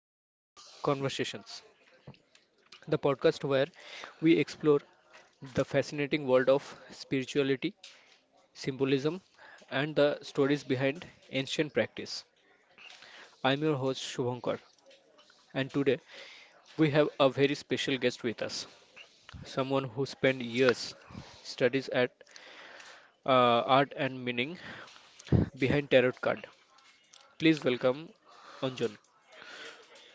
to Mystery Conversations, the podcast where we explore the fascinating world of spirituality, symbolism, and the stories behind ancient practice. I'm your host Shubhankar, and today we have a very special guest with us, someone who spent years studies at art and meaning behind tarot card. Please welcome Anjan.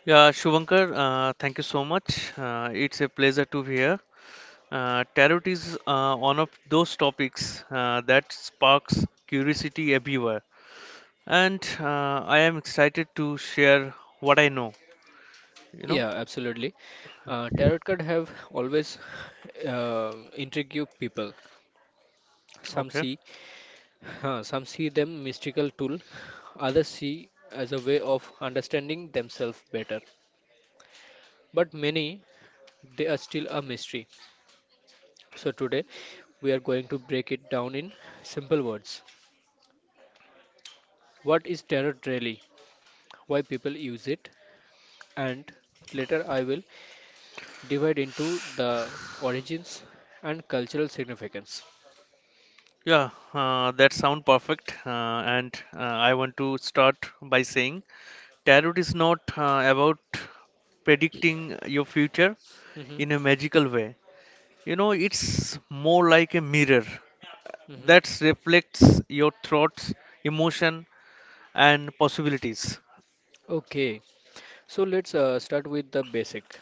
Yeah, Shubhankar, thank you so much. It's a pleasure to be here. Tarot is one of those topics that sparks curiosity everywhere, and I am excited to share what I know. Yeah, absolutely. Tarot card have always intrigued people. Some Okay. see, some see them mystical tool, others see as a way of understanding themselves better. But many, they are still a mystery. So today, we are going to break it down in simple words. What is tarot really? Why people use it? And later, I will divide into the origins and cultural significance. Yeah, that sound perfect. And I want to start by saying tarot is not about predicting your future hmm in a magical way. You know, it's more like a mirror that reflects your thoughts, emotion, and possibilities? Okay, so let's start with the basic.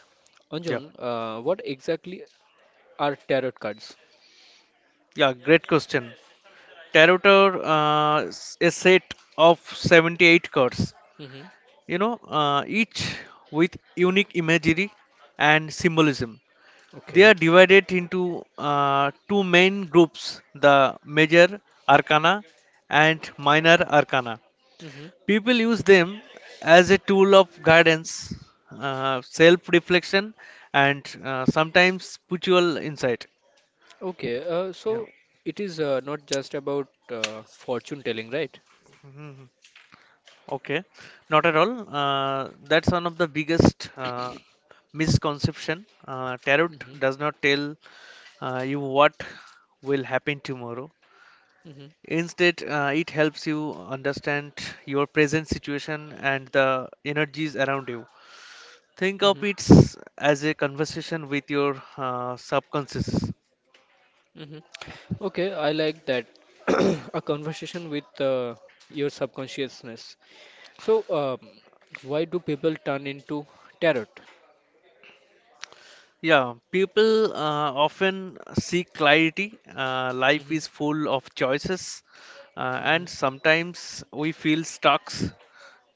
Yeah, Anjan, what exactly are tarot cards? yeah, great question. Tarot is a set of 78 cards, hmm each with unique imagery and symbolism. They Okay. are divided into two main groups, the major arcana and minor arcana. hmm People use them as a tool of guidance, self reflection, and sometimes spiritual insight. Okay. Uh, Yeah. so it is not just about fortune telling, right? Mhm. Okay, not at all. That's one of the biggest misconception. Tarot hmm does not tell you what will happen tomorrow. hmm Instead, it helps you understand your present situation and the energies around you. Think hmm of it as a conversation with your subconscious. hmm Okay, I like that. A conversation with your subconsciousness. So, why do people turn into tarot? Yeah, people often seek clarity. Life hmm is full of choices, hmm and sometimes we feel stuck.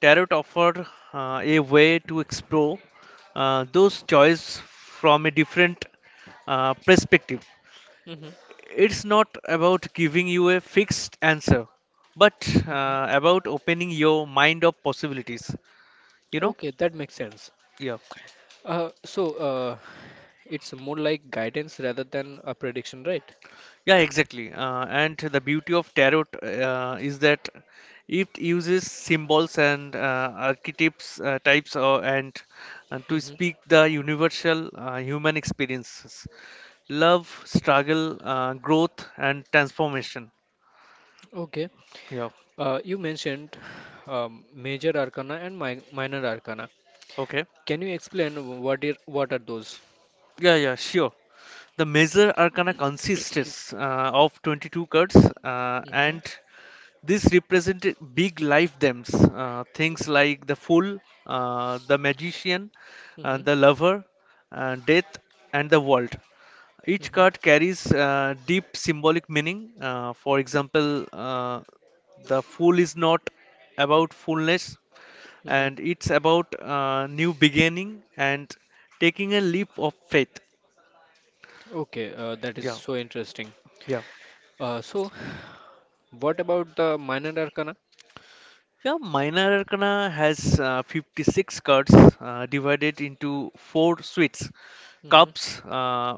Tarot offer a way to explore those choices from a different perspective. hmm It's not about giving you a fixed answer, but hmm about opening your mind of possibilities. You know? Okay, that makes sense. Yeah. Uh, so uh, it's more like guidance rather than a prediction, right? Yeah, exactly. And the beauty of tarot is that it uses symbols and archetypes types and to hmm speak the universal human experiences, love, struggle, growth, and transformation. Okay. Yeah. You mentioned major arcana and mi minor arcana. Okay. Can you explain what are those? Yeah, sure. The major arcana consists of 22 cards, hmm and these represent big life themes, things like the Fool, the Magician, hmm the Lover, Death, and the World. Each hmm card carries deep symbolic meaning. For example, the Fool is not about fullness, hmm and it's about new beginning and taking a leap of faith. Okay, that is Yeah, so interesting. yeah. Uh, so, what about the minor arcana? Yeah, Minor Arcana has 56 cards divided into four suites: hmm cups,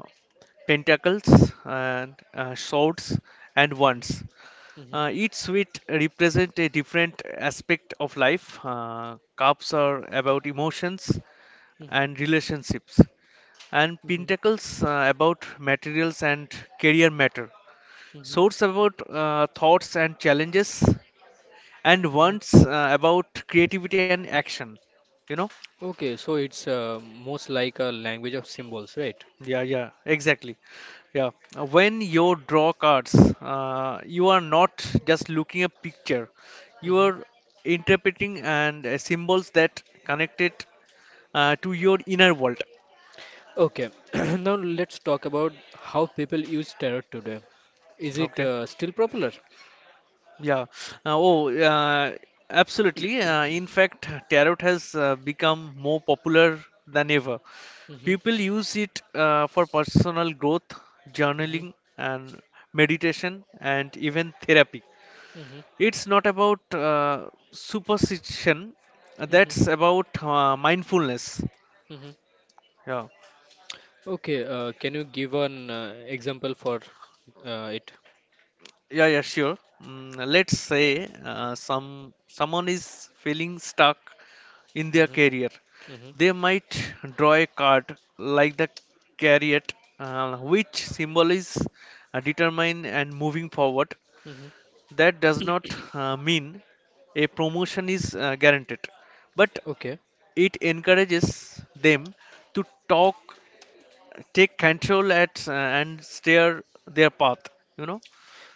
pentacles, and swords, and hmm wands. hmm Each sweet represent a different aspect of life. Cups are about emotions hmm and relationships, and hmm pentacles about materials and career matter. hmm Swords about thoughts and challenges, and hmm wands about creativity and action. You know. Okay, so it's most like a language of symbols, right? Yeah, exactly. Yeah. When you draw cards, you are not just looking at picture. You Mhm. are interpreting and symbols that connect it to your inner world. Okay, now let's talk about how people use tarot today. Is it Okay. Still popular? Yeah. Uh, oh, uh, Absolutely. In fact, tarot has become more popular than ever. Mhm. People use it for personal growth, Mhm. journaling, and meditation, and even therapy. Mhm. It's not about superstition. Mhm. That's about mindfulness. Mhm. Yeah, Okay, can you give an example for it? yeah. Sure. Let's say someone is feeling stuck in their Mhm. career. Mhm. They might draw a card like the chariot, which symbol is determined and moving forward. Mhm. That does not mean a promotion is guaranteed, but Okay. it encourages them to talk, take control at and steer their path you know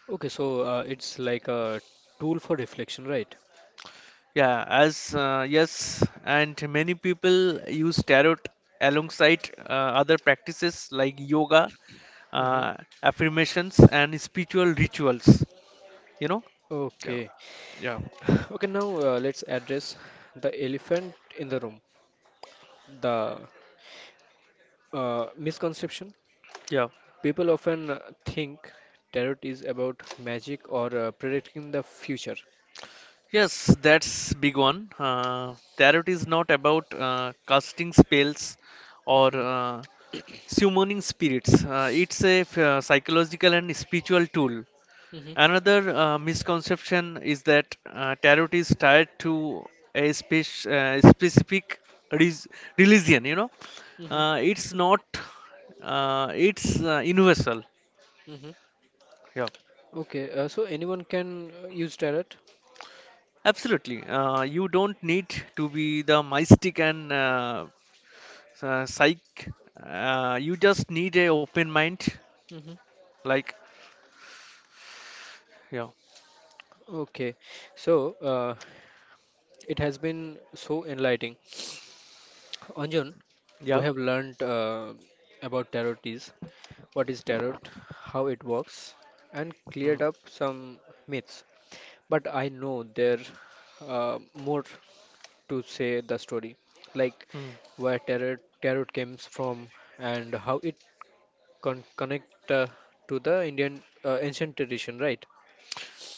Okay, so it's like a tool for reflection, right? yeah as Yes, and many people use tarot alongside other practices like yoga, Mhm. uh, affirmations and spiritual rituals you know yeah Okay. yeah Okay, now let's address the elephant in the room, the misconception. yeah People often think tarot is about magic or predicting the future. Yes, that's big one. Tarot is not about casting spells or Mhm. Summoning spirits. It's a psychological and spiritual tool. Mhm, Another misconception is that tarot is tied to a specific res- religion. You know, mhm, it's not. It's universal. mhm. Yeah. Okay, so anyone can use tarot? Absolutely. You don't need to be the mystic and psych. You just need a open mind. hmm Like, yeah, Okay, so it has been so enlightening. Anjan, we yeah. have learned about what is tarot, how it works, and mm, cleared up some myths. But I know there are more to say the story, like mm. where tarot comes from and how it connect to the Indian ancient tradition, right?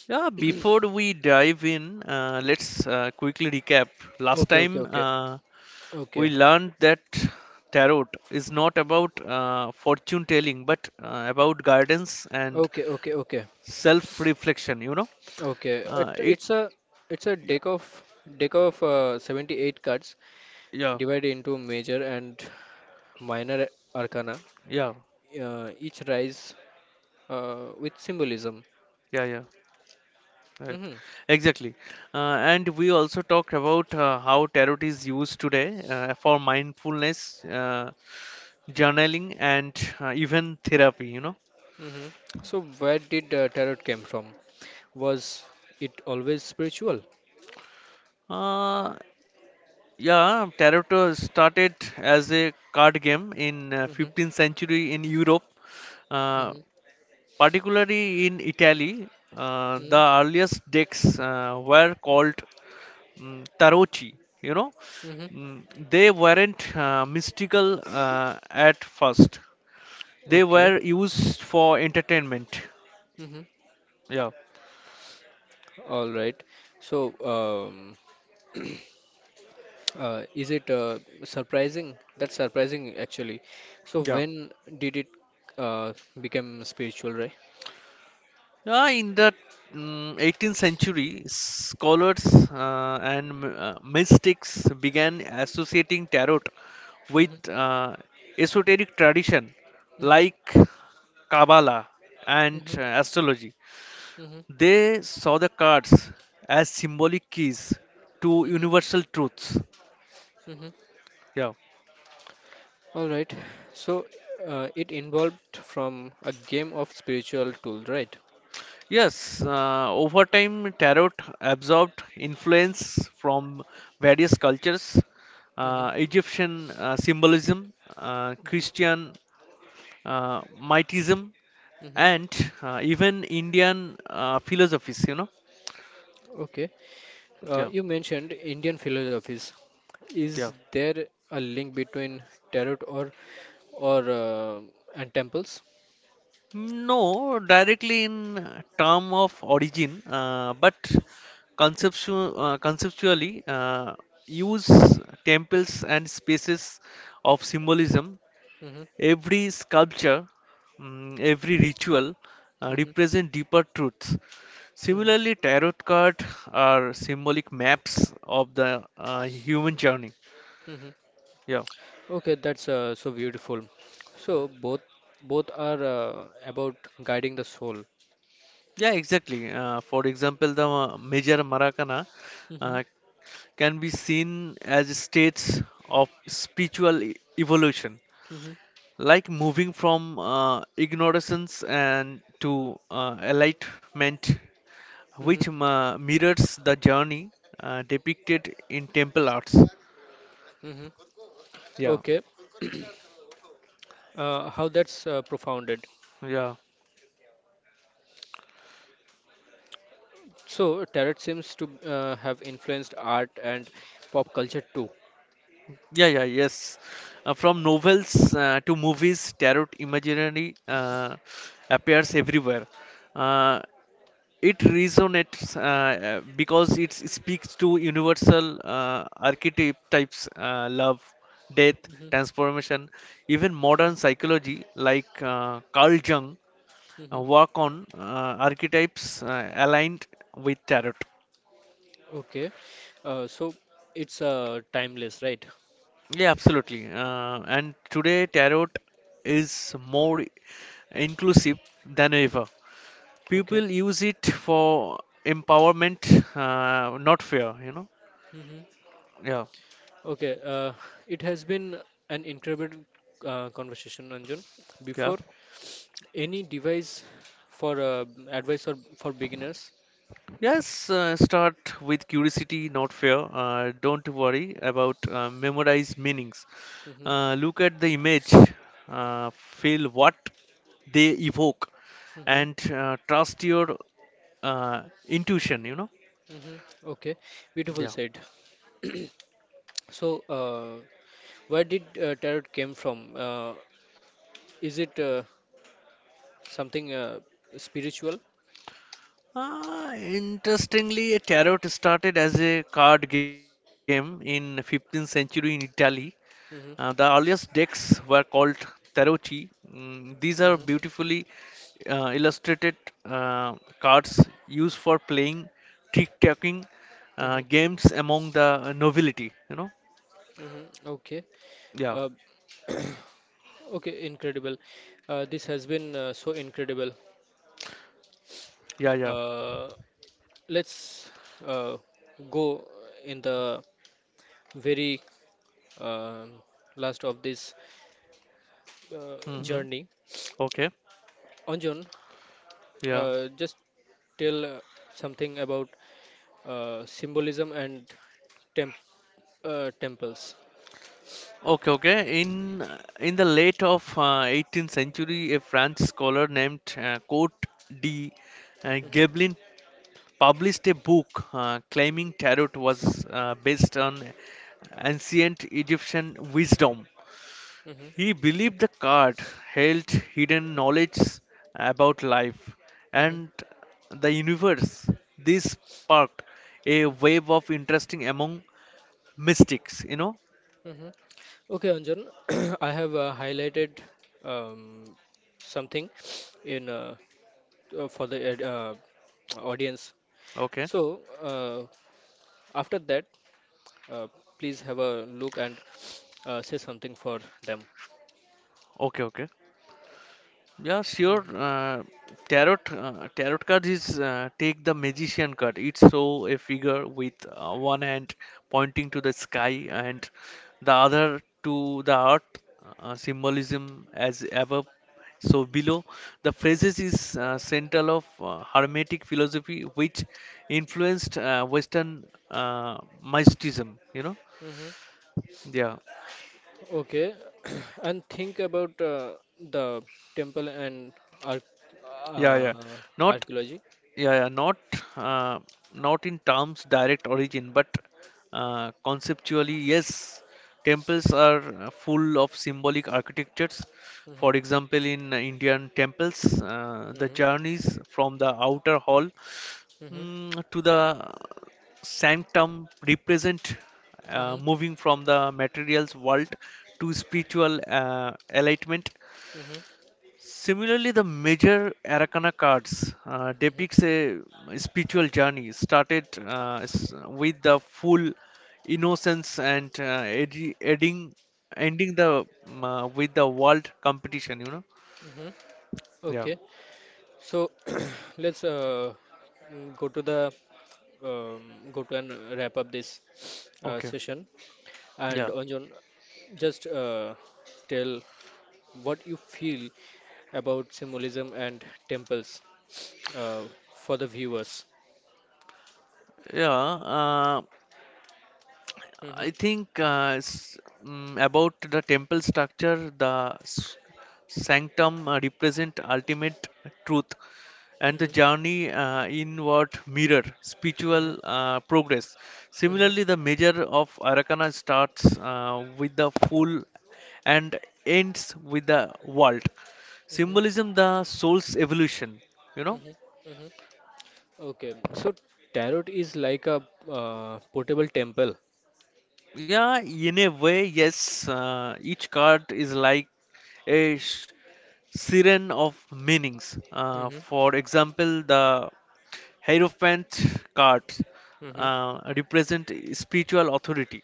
Yeah, before we dive in, let's quickly recap. Last Okay, okay, time okay, we okay, learned that tarot is not about fortune telling, but about guidance and okay, okay, okay, self reflection, you know. okay. It, Uh, it, it's a it's a yeah, deck of 78 cards yeah, divided into major and minor arcana. yeah, Each rise with symbolism. yeah. Right, hmm exactly. And we also talked about how tarot is used today for mindfulness, journaling, and even therapy, you know. hmm So, where did tarot came from? Was it always spiritual? Uh, yeah, tarot started as a card game in 15th Mm-hmm. century in Europe. Uh, Mm-hmm. Particularly in Italy, the Mm-hmm. earliest decks were called tarocchi. You know, Mm-hmm. Mm, they weren't mystical at first. They Okay. were used for entertainment. Mm-hmm. Yeah, All right. So, um, is it surprising? That's surprising, actually. So, yeah. when did it uh, become spiritual, right? Yeah, in the 18th century, scholars and mystics began associating tarot with Mm-hmm. uh, esoteric tradition Mm-hmm. like Kabbalah and Mm-hmm. Astrology. Mm-hmm. They saw the cards as symbolic keys to Mm-hmm. universal truths. Mm-hmm. Yeah. All right. So, it involved from a game of spiritual tool, right? Yes, over time, tarot absorbed influence from various cultures, Egyptian symbolism, Mhm, Christian misticism, mhm. and even Indian philosophies, you know. Okay. Yeah, You mentioned Indian philosophies. Is yeah. there a link between tarot or and temples? No, directly in term of origin, but conceptually, use temples and spaces of symbolism. hmm Every sculpture, every ritual hmm represent deeper truths. hmm Similarly, tarot cards are symbolic maps of the human journey. hmm Yeah, Okay, that's so beautiful. So both both are about guiding the soul. yeah, exactly. For example, the Major Maracana hmm uh, can be seen as states of spiritual evolution, hmm like moving from ignorance and to enlightenment, hmm which mirrors the journey depicted in temple arts. hmm Yeah, Okay. How that's profounded. yeah, So tarot seems to have influenced art and pop culture too. Yeah, yes. From novels to movies, tarot imaginary appears everywhere. Uh, it resonates because it speaks to universal archetypes, love, death, transformation, even modern psychology like Carl Jung hmm work on archetypes aligned with tarot. Okay. So it's timeless, right? Yeah, absolutely. And today, tarot is more inclusive than ever. hmm Okay. People use it for empowerment, not fear, you know. hmm Yeah, Okay. It has been an incredible conversation, Anjun. yeah. Before any device for advice or for beginners. Yes, start with curiosity, not fear. Don't worry about memorize meanings. hmm Look at the image, feel what they evoke, hmm and trust your uh, intuition, you know? hmm Okay. Beautiful Yeah. said. So, where did tarot came from? Uh, is it something spiritual? Interestingly, tarot started as a card game in 15th century in Italy. The Mm-hmm. earliest decks were called tarochi. These are Mm-hmm. beautifully illustrated uh, cards used for playing trick-taking Mm-hmm. games among the nobility. You know? Mm-hmm. Okay. Yeah, Uh, okay, incredible. This has been so incredible. yeah, yeah. Uh, let's uh, go in the very um last of this hmm journey. Okay. Anjan, Yeah. Just tell something about symbolism and temp temples. Okay. In the late of 18th century, a French scholar named Cote de hmm Gablin published a book claiming tarot was based on ancient Egyptian wisdom. hmm He believed the card held hidden knowledge about life hmm and the universe. This sparked a wave of interesting among mystics, you know. hmm Okay, Anjan, I have highlighted um, something in, for the audience. Okay, So uh, after that, uh, please have a look and say something for them. okay, okay. Yeah, sure. Mm-hmm. Tarot cards is take the magician card. It's so a figure with one hand pointing to the sky and the other to the earth. Symbolism as above, so below. The phrases is central of Hermetic philosophy, which influenced Western mysticism. You know. Mm-hmm. Yeah. Okay, and think about the temple and arch Yeah, yeah. uh, Not archaeology. yeah, not uh, not in terms direct origin, but conceptually yes, temples are full of symbolic architectures. Mm-hmm. For example, in indian temples the Mm-hmm. journeys from the outer hall, Mm-hmm. To the sanctum represent moving from the materials world to spiritual enlightenment. Mm-hmm. Similarly, the major Arakana cards depicts Mm-hmm. a spiritual journey started with the full innocence and ending the with the world competition. You know? Mm-hmm. Yeah. Okay. So let's go to the um, go to and wrap up this Okay. session. And Yeah. Anjan, just tell what you feel about symbolism and temples uh, for the viewers. Yeah. I Mm-hmm, think about the temple structure, the sanctum represent ultimate truth and the mm-hmm, journey inward mirror mm-hmm, spiritual progress. mm-hmm, Similarly, the measure of Arakana starts with the full and ends with the world. mm-hmm, Symbolism, the soul's evolution. You know. mm-hmm, mm-hmm. Okay, so tarot is like a portable temple. Yeah, in a way, yes. Each card is like a siren of meanings. Mm-hmm, For example, the Hierophant cards mm-hmm, represent spiritual authority,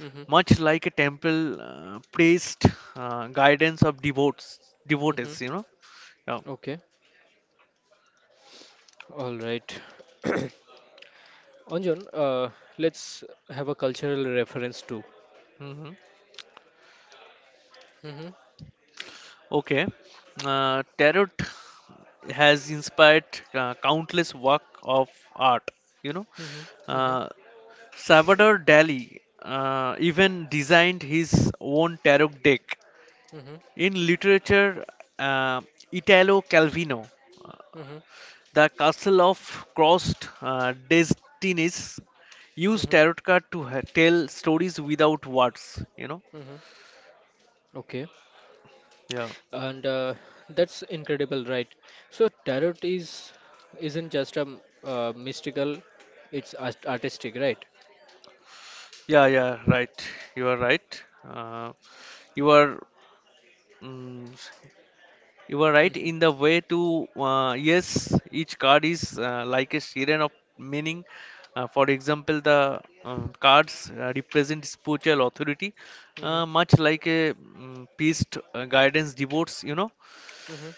mm-hmm, much like a temple priest, guidance of devotees. mm-hmm. You know. Yeah. Okay, all right. Anjan, let's have a cultural reference too. Mm-hmm. Mm-hmm. Okay, tarot has inspired countless work of art. You know, Mm-hmm. Mm-hmm. uh, Salvador Dali even designed his own tarot deck. Mm-hmm. In literature, uh, Italo Calvino, uh, Mm-hmm. the Castle of Crossed Destinies, used Mm-hmm. tarot card to tell stories without words. You know, Mm-hmm. Okay. yeah. And that's incredible, right? So tarot is isn't just a mystical, it's artistic, right? Yeah, right. You are right. You are mm, you are right in the Mm-hmm. way to yes, each card is like a series of meaning. For example, the cards represent spiritual authority, Mm-hmm. Much like a priest guidance devotes. You know. Mm-hmm.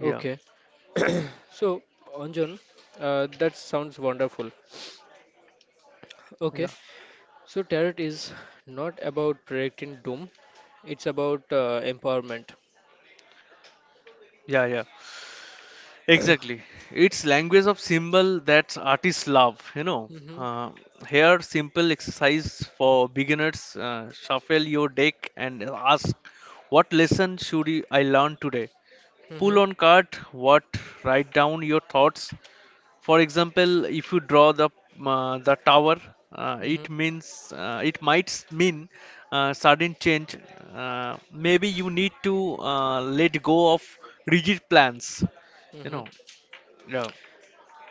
Yeah, Okay. So, Anjan, that sounds wonderful. yeah, Okay, so tarot is not about predicting doom, it's about empowerment. yeah, yeah. Exactly. It's language of symbol that artists love, you know. hmm Uh, Here, simple exercise for beginners. Shuffle your deck and ask, what lesson should I learn today? hmm Pull on card, what, write down your thoughts. For example, if you draw the tower, hmm it means, it might mean sudden change. Uh, Maybe you need to let go of rigid plans, you hmm know. Yeah,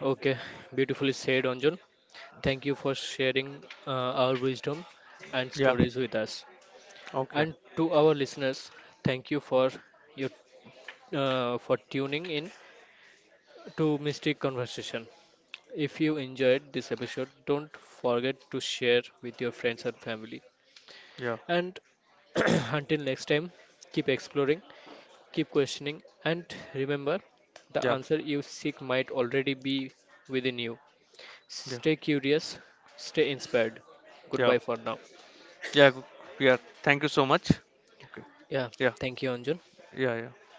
Okay, beautifully said, Anjun. Thank you for sharing our wisdom and yeah, stories with us. okay, And to our listeners, thank you for your for tuning in to Mystic Conversation. If you enjoyed this episode, don't forget to share with your friends and family. yeah, And until next time, keep exploring. Keep questioning and remember the yeah, answer you seek might already be within you. yeah, Stay curious, stay inspired. yeah, Goodbye for now. yeah, g- Yeah. Thank you so much. Okay, Yeah, yeah, thank you, Anjun. yeah, yeah.